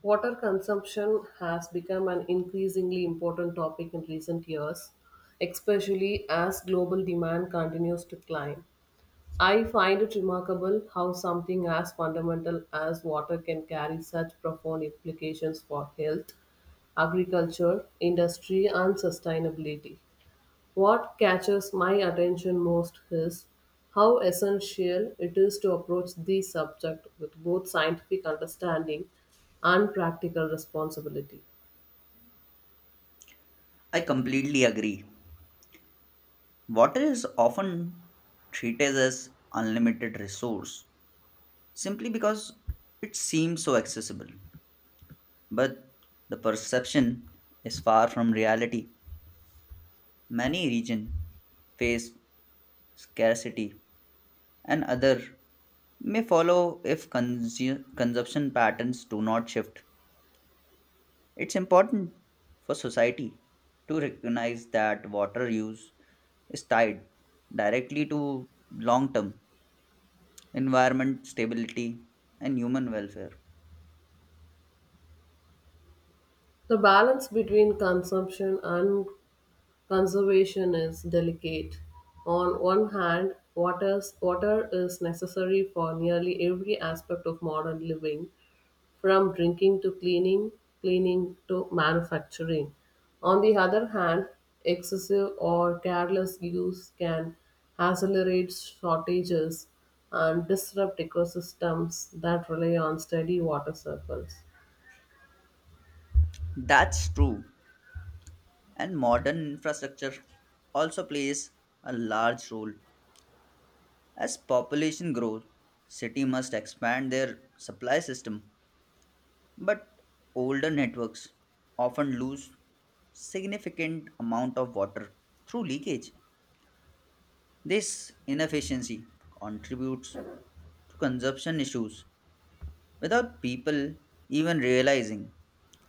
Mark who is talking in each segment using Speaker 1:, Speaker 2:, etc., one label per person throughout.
Speaker 1: Water consumption has become an increasingly important topic in recent years, especially as global demand continues to climb. I find it remarkable how something as fundamental as water can carry such profound implications for health, agriculture, industry, and sustainability. What catches my attention most is how essential it is to approach the subject with both scientific understanding and practical responsibility.
Speaker 2: I completely agree. Water is often treated as unlimited resource simply because it seems so accessible. But the perception is far from reality. Many regions face scarcity and other may follow if consumption patterns do not shift. It's important for society to recognize that water use is tied directly to long term environment stability, and human welfare.
Speaker 1: The balance between consumption and conservation is delicate. On one hand, water is necessary for nearly every aspect of modern living, from drinking to cleaning, cleaning to manufacturing. On the other hand, excessive or careless use can accelerate shortages and disrupt ecosystems that rely on steady water cycles.
Speaker 2: That's true, and modern infrastructure also plays a large role. As population grows, city must expand their supply system, but older networks often lose significant amount of water through leakage. This inefficiency contributes to consumption issues without people even realizing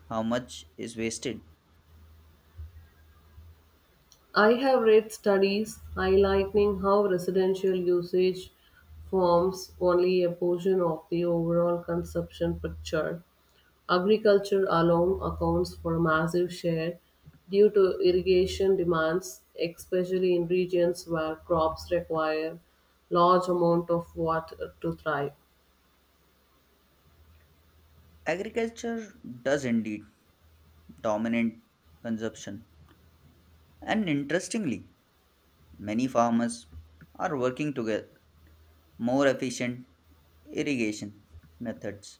Speaker 2: how much is wasted.
Speaker 1: I have read studies highlighting how residential usage forms only a portion of the overall consumption picture. Agriculture alone accounts for a massive share due to irrigation demands, especially in regions where crops require large amount of water to thrive.
Speaker 2: Agriculture does indeed dominate consumption, and interestingly, many farmers are working together more efficient irrigation methods,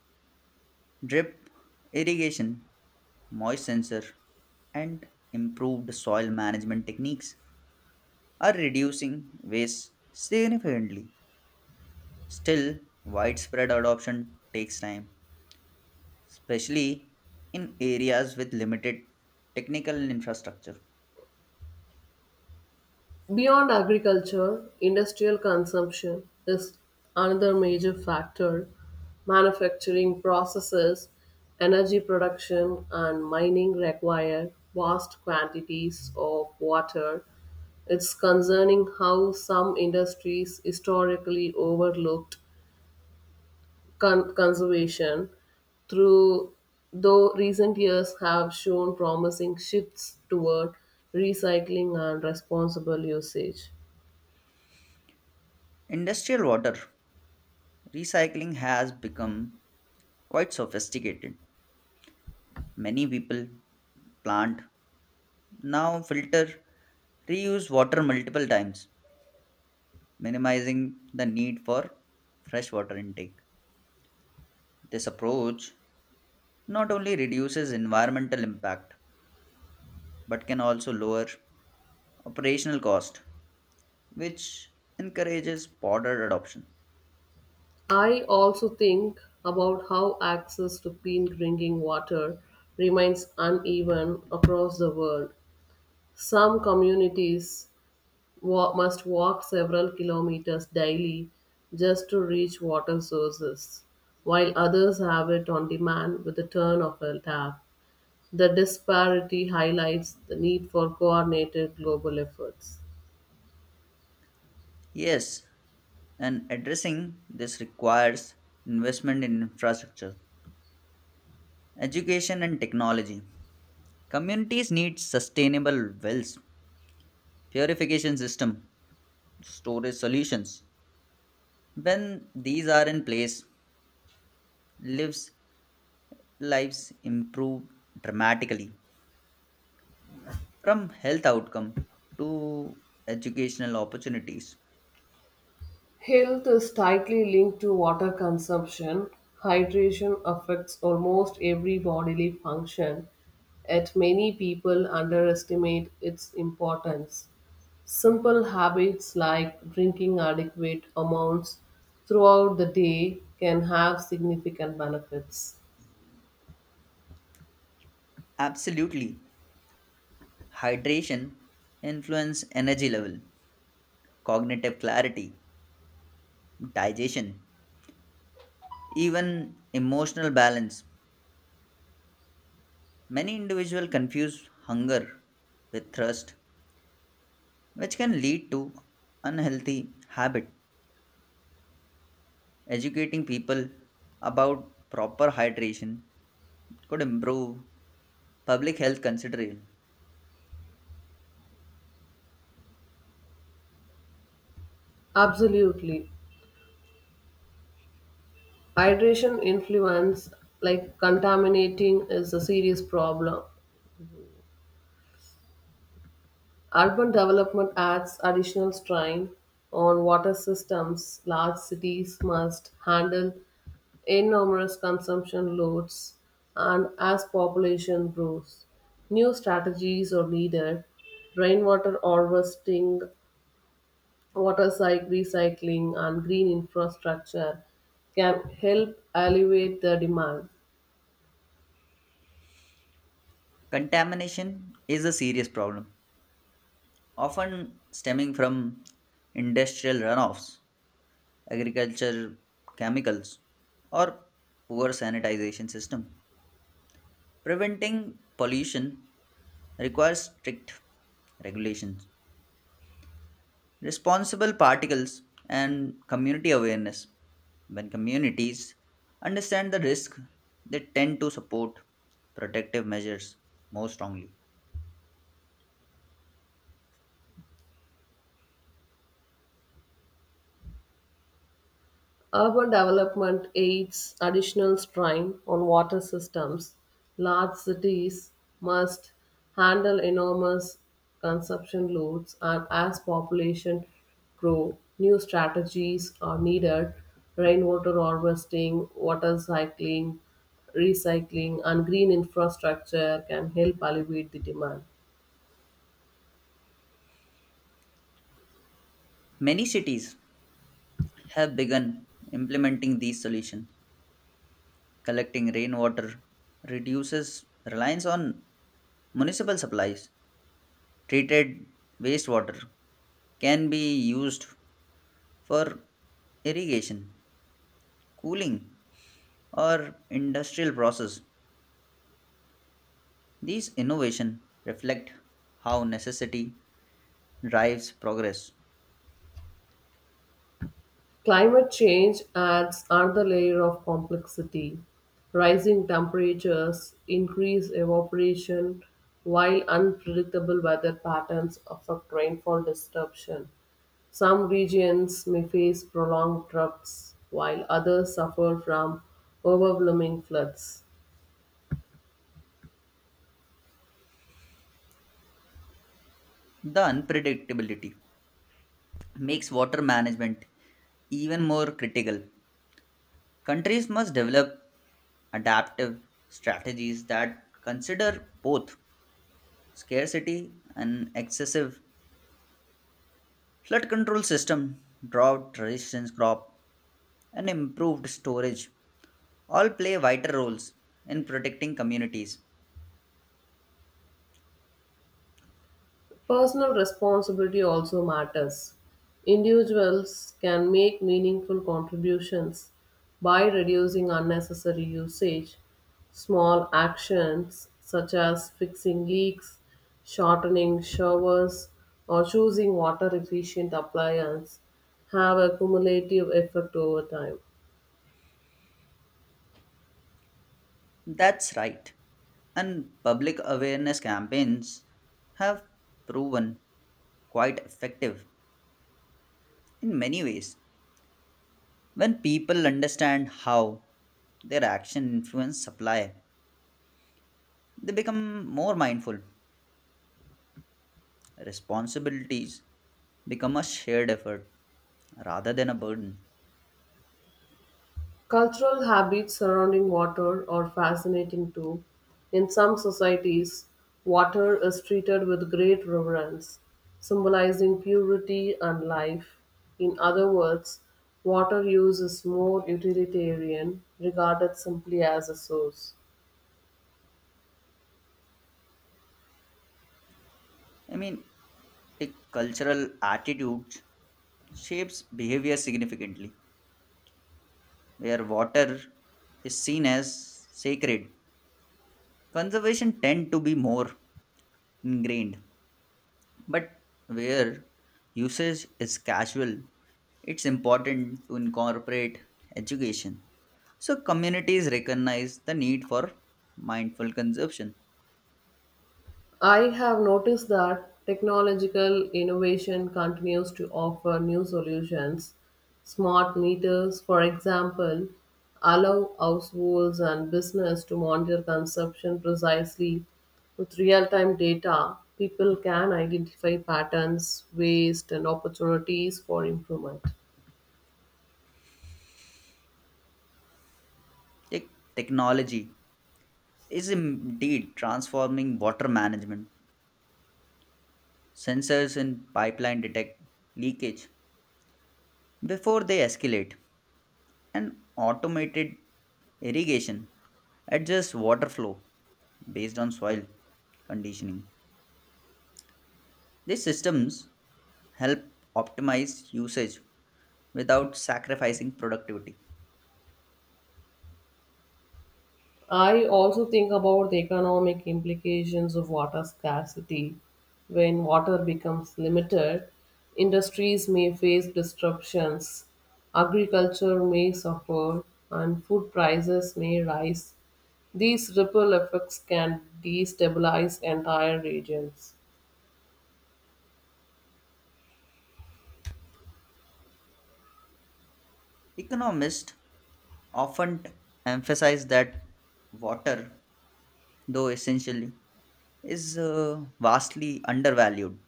Speaker 2: drip irrigation, moist sensor, and improved soil management techniques are reducing waste significantly. Still, widespread adoption takes time, especially in areas with limited technical infrastructure.
Speaker 1: Beyond agriculture, industrial consumption is another major factor. Manufacturing processes, energy production, and mining require vast quantities of water. It's concerning how some industries historically overlooked conservation, through though recent years have shown promising shifts toward recycling and responsible usage.
Speaker 2: Industrial water recycling has become quite sophisticated. Many people, plant now filter, reuse water multiple times, minimizing the need for fresh water intake. This approach not only reduces environmental impact but can also lower operational cost, which encourages broader adoption.
Speaker 1: I also think about how access to clean drinking water remains uneven across the world. Some communities must walk several kilometers daily just to reach water sources, while others have it on demand with the turn of a tap. The disparity highlights the need for coordinated global efforts.
Speaker 2: Yes, and addressing this requires investment in infrastructure, education, and technology. Communities need sustainable wells, purification system, storage solutions. When these are in place, lives lives improve dramatically from health outcome to educational opportunities.
Speaker 1: Health is tightly linked to water consumption. Hydration affects almost every bodily function, yet, many people underestimate its importance. Simple habits like drinking adequate amounts throughout the day can have significant benefits.
Speaker 2: Absolutely. Hydration influence energy level, cognitive clarity, digestion, even emotional balance. Many individuals confuse hunger with thirst which can lead to unhealthy habit. Educating people about proper hydration could improve public health consideration.
Speaker 1: Absolutely. Hydration influence, like contaminating, is a serious problem. Urban development adds additional strain on water systems. Large cities must handle enormous consumption loads, and as population grows, new strategies are needed. Rainwater harvesting, water cycle recycling, and green infrastructure can help alleviate the demand.
Speaker 2: Contamination is a serious problem, often stemming from industrial runoffs, agriculture chemicals, or poor sanitization system. Preventing pollution requires strict regulations, responsible particles, and community awareness. When communities understand the risk, they tend to support protective measures more strongly.
Speaker 1: Urban development aids additional strain on water systems. Large cities must handle enormous consumption loads, and as population grow, new strategies are needed. Rainwater harvesting, water cycling, recycling, and green infrastructure can help alleviate the demand.
Speaker 2: Many cities have begun implementing these solutions. Collecting rainwater reduces reliance on municipal supplies. Treated wastewater can be used for irrigation, cooling, or industrial process. These innovations reflect how necessity drives progress.
Speaker 1: Climate change adds another layer of complexity. Rising temperatures increase evaporation, while unpredictable weather patterns affect rainfall disruption. Some regions may face prolonged droughts, while others suffer from overwhelming floods.
Speaker 2: The unpredictability makes water management even more critical. Countries must develop adaptive strategies that consider both scarcity and excessive flood control system, drought resistance crop, and improved storage all play vital roles in protecting communities.
Speaker 1: Personal responsibility also matters. Individuals can make meaningful contributions by reducing unnecessary usage. Small actions such as fixing leaks, shortening showers, or choosing water efficient appliances have a cumulative effect over time.
Speaker 2: That's right. And public awareness campaigns have proven quite effective in many ways. When people understand how their action influence supply, they become more mindful. Responsibilities become a shared effort rather than a burden.
Speaker 1: Cultural habits surrounding water are fascinating too. In some societies, water is treated with great reverence, symbolizing purity and life. In other words, water use is more utilitarian, regarded simply as a source.
Speaker 2: I mean, like cultural attitudes shapes behavior significantly. Where water is seen as sacred, conservation tend to be more ingrained, but where usage is casual, it's important to incorporate education so communities recognize the need for mindful consumption.
Speaker 1: I have noticed that technological innovation continues to offer new solutions. Smart meters, for example, allow households and business to monitor consumption precisely with real-time data. People can identify patterns, waste, and opportunities for improvement.
Speaker 2: Technology is indeed transforming water management. Sensors in pipeline detect leakage before they escalate, and automated irrigation adjusts water flow based on soil conditioning. These systems help optimize usage without sacrificing productivity.
Speaker 1: I also think about the economic implications of water scarcity. When water becomes limited, industries may face disruptions, agriculture may suffer, and food prices may rise. These ripple effects can destabilize entire regions.
Speaker 2: Economists often emphasize that water, though essentially, is vastly undervalued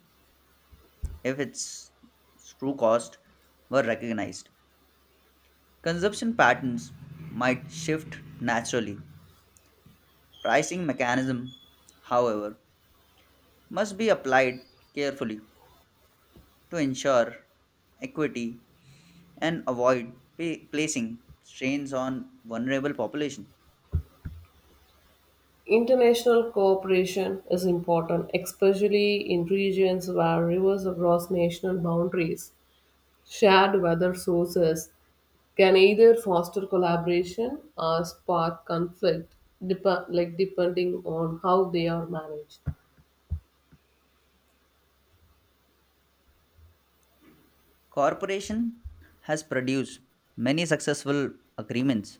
Speaker 2: if its true cost were recognized. Consumption patterns might shift naturally. Pricing mechanism, however, must be applied carefully to ensure equity and avoid placing strains on vulnerable population.
Speaker 1: International cooperation is important, especially in regions where rivers cross national boundaries. Shared weather sources can either foster collaboration or spark conflict depending on how they are managed.
Speaker 2: Corporation has produced many successful agreements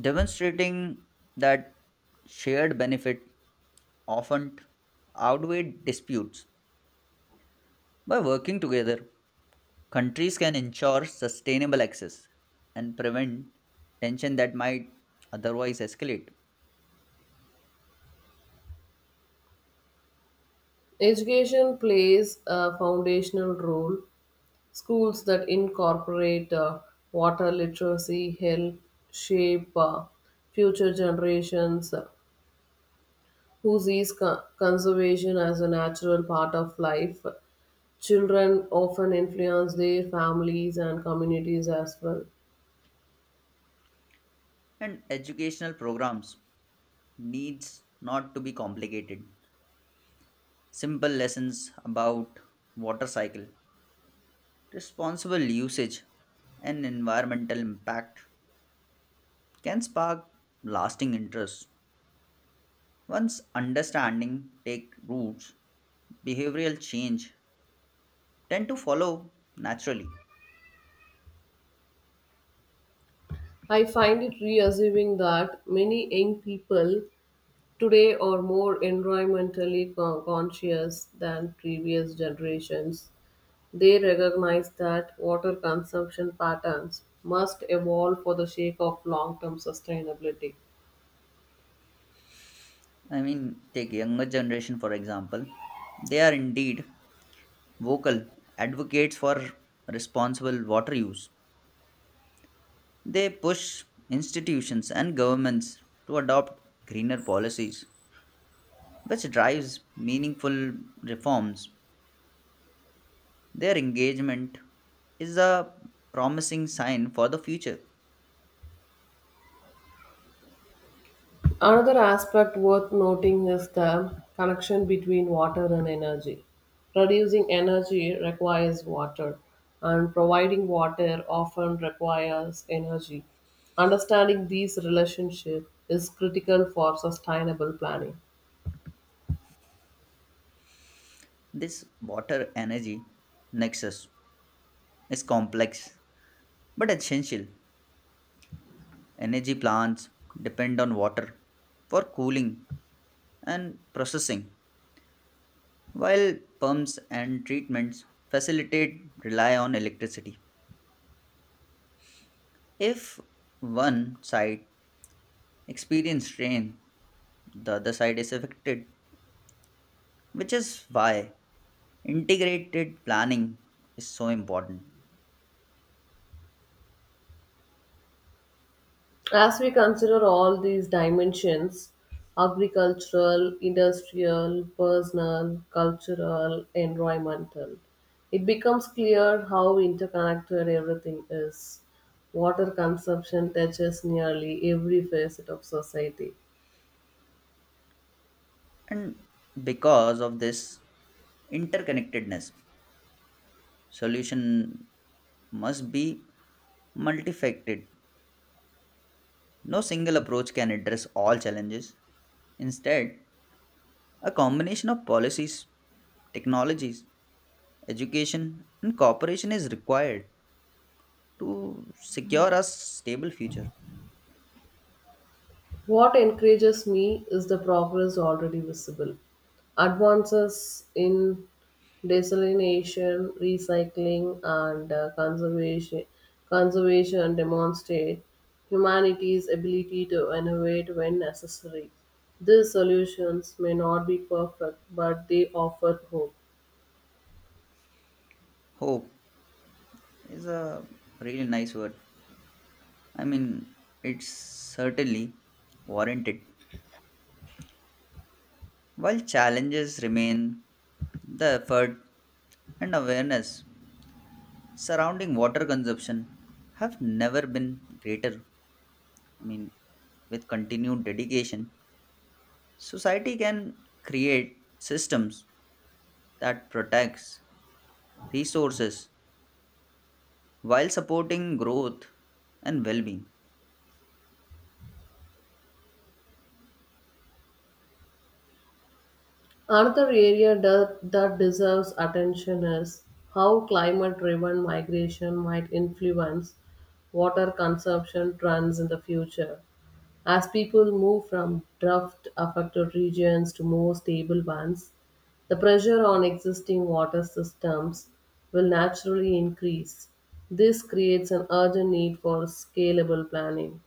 Speaker 2: demonstrating that shared benefit often outweigh disputes. By working together, countries can ensure sustainable access and prevent tension that might otherwise escalate.
Speaker 1: Education plays a foundational role. Schools that incorporate water literacy help shape future generations who sees conservation as a natural part of life. Children often influence their families and communities as well.
Speaker 2: And educational programs needs not to be complicated. Simple lessons about water cycle, responsible usage, and environmental impact can spark lasting interest. Once understanding take roots, behavioral change tend to follow naturally.
Speaker 1: I find it reassuming that many young people today are more environmentally conscious than previous generations. They recognize that water consumption patterns must evolve for the sake of long term sustainability.
Speaker 2: I mean, take younger generation for example. They are indeed vocal advocates for responsible water use. They push institutions and governments to adopt greener policies, which drives meaningful reforms. Their engagement is a promising sign for the future.
Speaker 1: Another aspect worth noting is the connection between water and energy. Producing energy requires water, and providing water often requires energy. Understanding these relationships is critical for sustainable planning.
Speaker 2: This water energy nexus is complex but essential. Energy plants depend on water for cooling and processing, while pumps and treatments facilitate rely on electricity. If one side experiences rain, the other side is affected, which is why integrated planning is so important.
Speaker 1: As we consider all these dimensions, agricultural, industrial, personal, cultural, environmental, it becomes clear how interconnected everything is. Water consumption touches nearly every facet of society.
Speaker 2: And because of this interconnectedness, solution must be multifaceted. No single approach can address all challenges. Instead, a combination of policies, technologies, education, and cooperation is required to secure a stable future.
Speaker 1: What encourages me is the progress already visible. Advances in desalination, recycling, and conservation demonstrate humanity's ability to innovate when necessary. These solutions may not be perfect, but they offer hope.
Speaker 2: Hope is a really nice word. I mean, it's certainly warranted. While challenges remain, the effort and awareness surrounding water consumption have never been greater. I mean, with continued dedication, society can create systems that protects resources while supporting growth and well being.
Speaker 1: Another area that deserves attention is how climate driven migration might influence water consumption trends in the future. As people move from drought affected regions to more stable ones, the pressure on existing water systems will naturally increase. This creates an urgent need for scalable planning.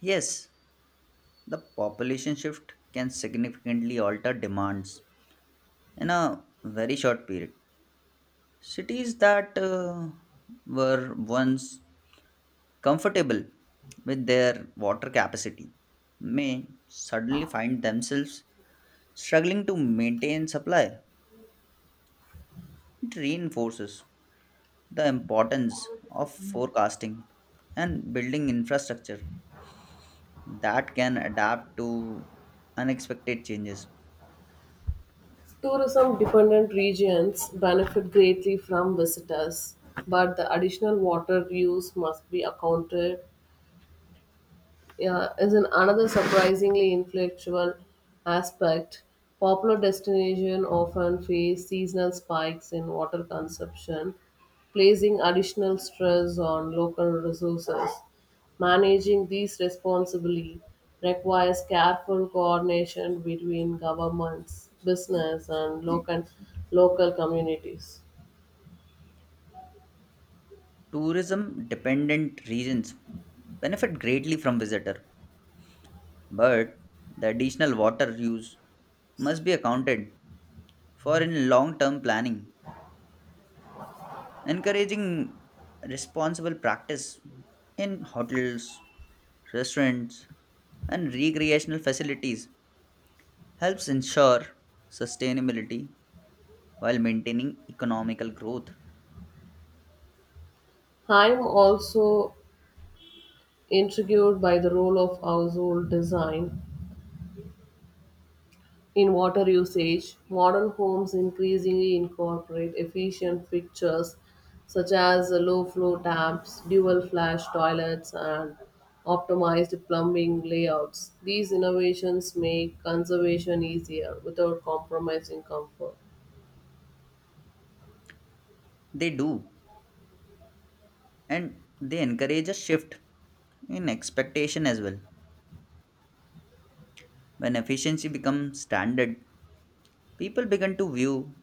Speaker 2: Yes, the population shift can significantly alter demands in a very short period. Cities that were once comfortable with their water capacity may suddenly find themselves struggling to maintain supply. It reinforces the importance of forecasting and building infrastructure that can adapt to unexpected changes.
Speaker 1: Tourism dependent regions benefit greatly from visitors, but the additional water use must be accounted, yeah, is an another surprisingly influential aspect. Popular destinations often face seasonal spikes in water consumption, placing additional stress on local resources. Managing these responsibly requires careful coordination between governments, business, and local communities.
Speaker 2: Tourism dependent regions benefit greatly from visitor, but the additional water use must be accounted for in long term planning. Encouraging responsible practice in hotels, restaurants, and recreational facilities helps ensure sustainability while maintaining economical growth.
Speaker 1: I'm also intrigued by the role of household design. In water usage, modern homes increasingly incorporate efficient fixtures such as low flow taps, dual flush toilets, and optimized plumbing layouts. These innovations make conservation easier without compromising comfort.
Speaker 2: They do, and they encourage a shift in expectation as well. When efficiency becomes standard, people begin to view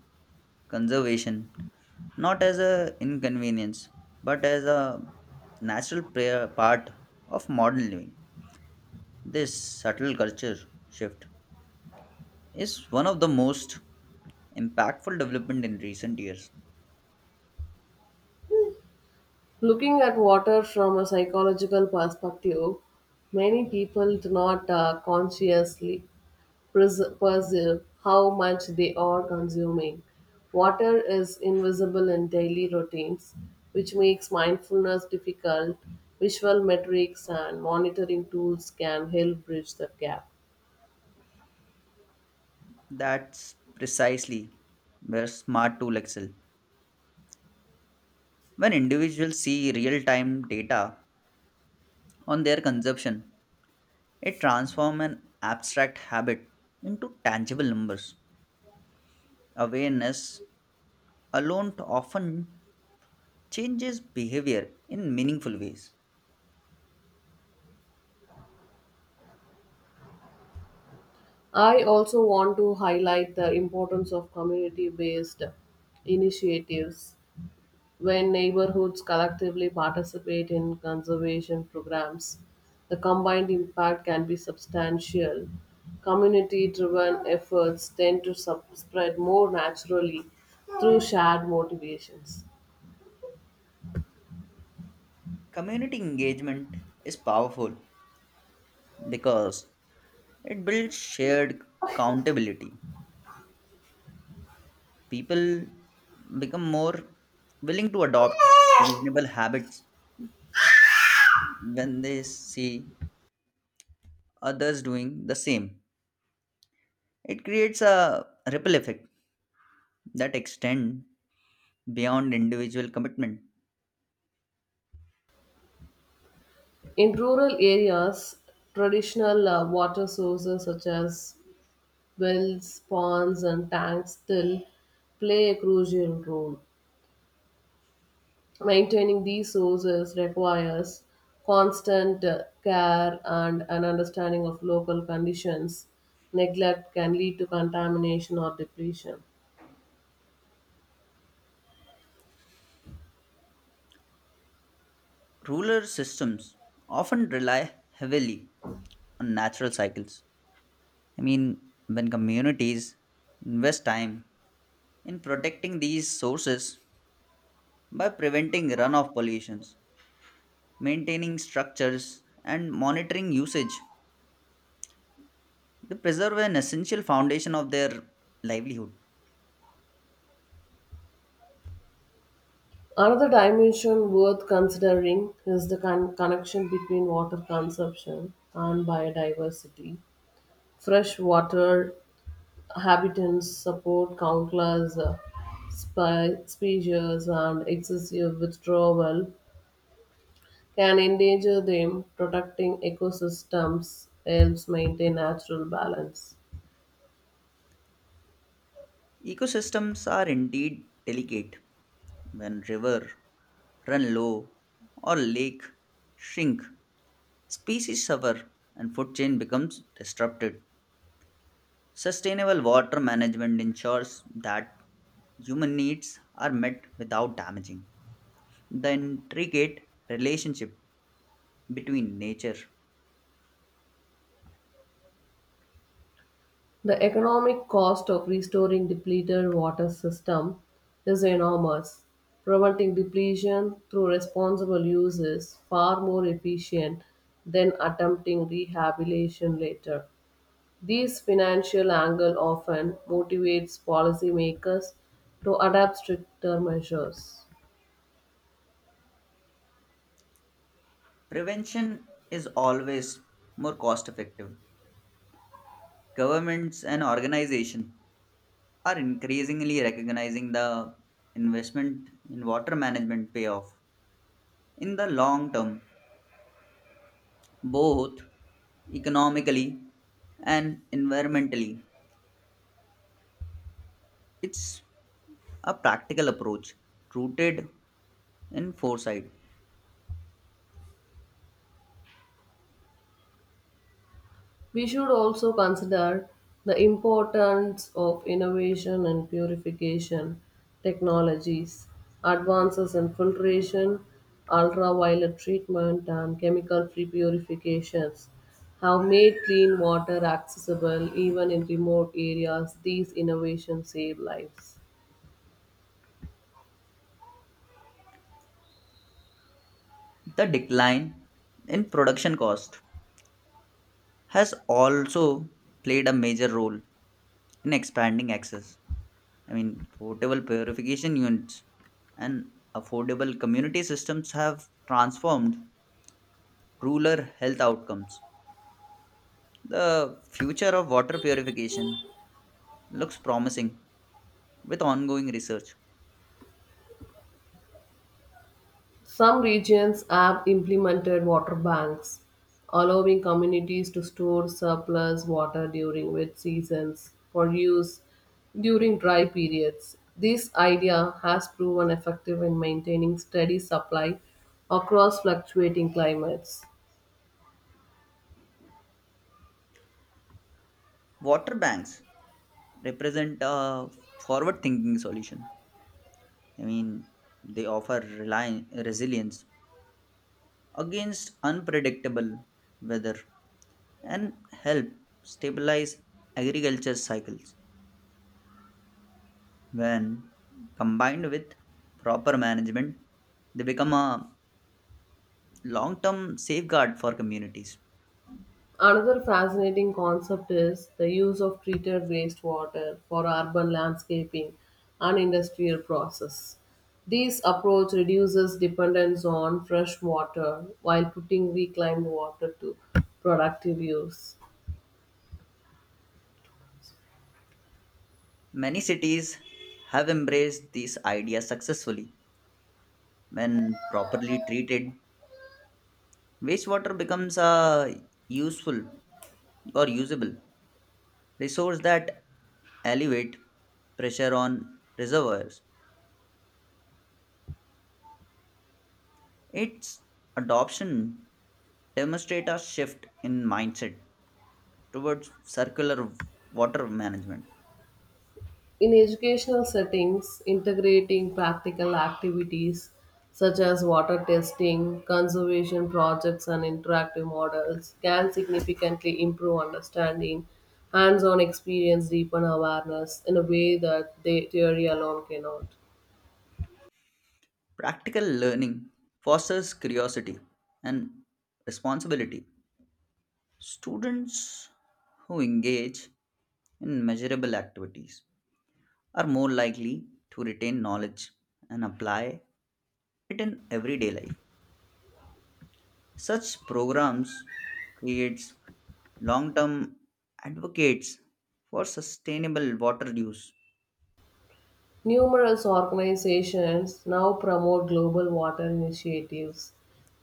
Speaker 2: conservation not as a inconvenience but as a natural part of modern living. This subtle culture shift is one of the most impactful development in recent years.
Speaker 1: Looking at water from a psychological perspective, many people do not consciously perceive how much they are consuming. Water is invisible in daily routines, which makes mindfulness difficult. Visual metrics and monitoring tools can help bridge that gap.
Speaker 2: That's precisely where smart tool excel. When individuals see real-time data on their consumption, it transforms an abstract habit into tangible numbers. Awareness alone often changes behavior in meaningful ways.
Speaker 1: I also want to highlight the importance of community based initiatives. When neighborhoods collectively participate in conservation programs, the combined impact can be substantial. Community driven efforts tend to spread more naturally through shared motivations.
Speaker 2: Community engagement is powerful because it builds shared accountability. People become more willing to adopt reasonable habits when they see others doing the same. It creates a ripple effect that extends beyond individual commitment.
Speaker 1: In rural areas, traditional water sources such as wells, ponds, and tanks still play a crucial role. Maintaining these sources requires constant care and an understanding of local conditions. Neglect can lead to contamination or depletion.
Speaker 2: Rural systems often rely heavily on natural cycles. I mean, when communities invest time in protecting these sources by preventing runoff pollutions, maintaining structures, and monitoring usage, they preserve an essential foundation of their livelihood.
Speaker 1: Another dimension worth considering is the connection between water consumption and biodiversity. Freshwater habitants support countless species, and excessive withdrawal can endanger them, protecting ecosystems helps maintain natural balance.
Speaker 2: Ecosystems are indeed delicate. When river run low or lake shrink, species suffer and food chain becomes disrupted. Sustainable water management ensures that human needs are met without damaging the intricate relationship between nature.
Speaker 1: The economic cost of restoring depleted water system is enormous. Preventing depletion through responsible use is far more efficient than attempting rehabilitation later. This financial angle often motivates policymakers to adapt stricter measures.
Speaker 2: Prevention is always more cost effective. Governments and organizations are increasingly recognizing the investment in water management payoff in the long term, both economically and environmentally. It's a practical approach rooted in foresight.
Speaker 1: We should also consider the importance of innovation and purification technologies, advances in filtration, ultraviolet treatment, and chemical free purifications have made clean water accessible even in remote areas. These innovations save lives.
Speaker 2: The decline in production cost has also played a major role in expanding access. I mean, portable purification units and affordable community systems have transformed rural health outcomes. The future of water purification looks promising with ongoing research.
Speaker 1: Some regions have implemented water banks, allowing communities to store surplus water during wet seasons for use during dry periods. This idea has proven effective in maintaining steady supply across fluctuating climates.
Speaker 2: Water banks represent a forward thinking solution. I mean, they offer resilience against unpredictable weather and help stabilize agriculture cycles. When combined with proper management, they become a long term safeguard for communities.
Speaker 1: Another fascinating concept is the use of treated wastewater for urban landscaping and industrial process. This approach reduces dependence on fresh water while putting reclaimed water to productive use.
Speaker 2: Many cities have embraced these ideas successfully. When properly treated, wastewater becomes a useful or usable resource that elevate pressure on reservoirs. Its adoption demonstrate a shift in mindset towards circular water management.
Speaker 1: In educational settings, integrating practical activities such as water testing, conservation projects, and interactive models can significantly improve understanding, hands on experience, deepen awareness in a way that the theory alone cannot.
Speaker 2: Practical learning fosters curiosity and responsibility. Students who engage in measurable activities are more likely to retain knowledge and apply it in everyday life. Such programs creates long-term advocates for sustainable water use.
Speaker 1: Numerous organizations now promote global water initiatives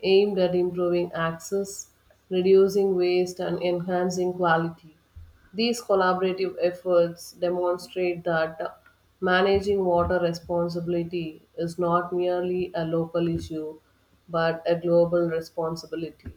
Speaker 1: aimed at improving access, reducing waste, and enhancing quality. These collaborative efforts demonstrate that managing water responsibility is not merely a local issue but a global responsibility.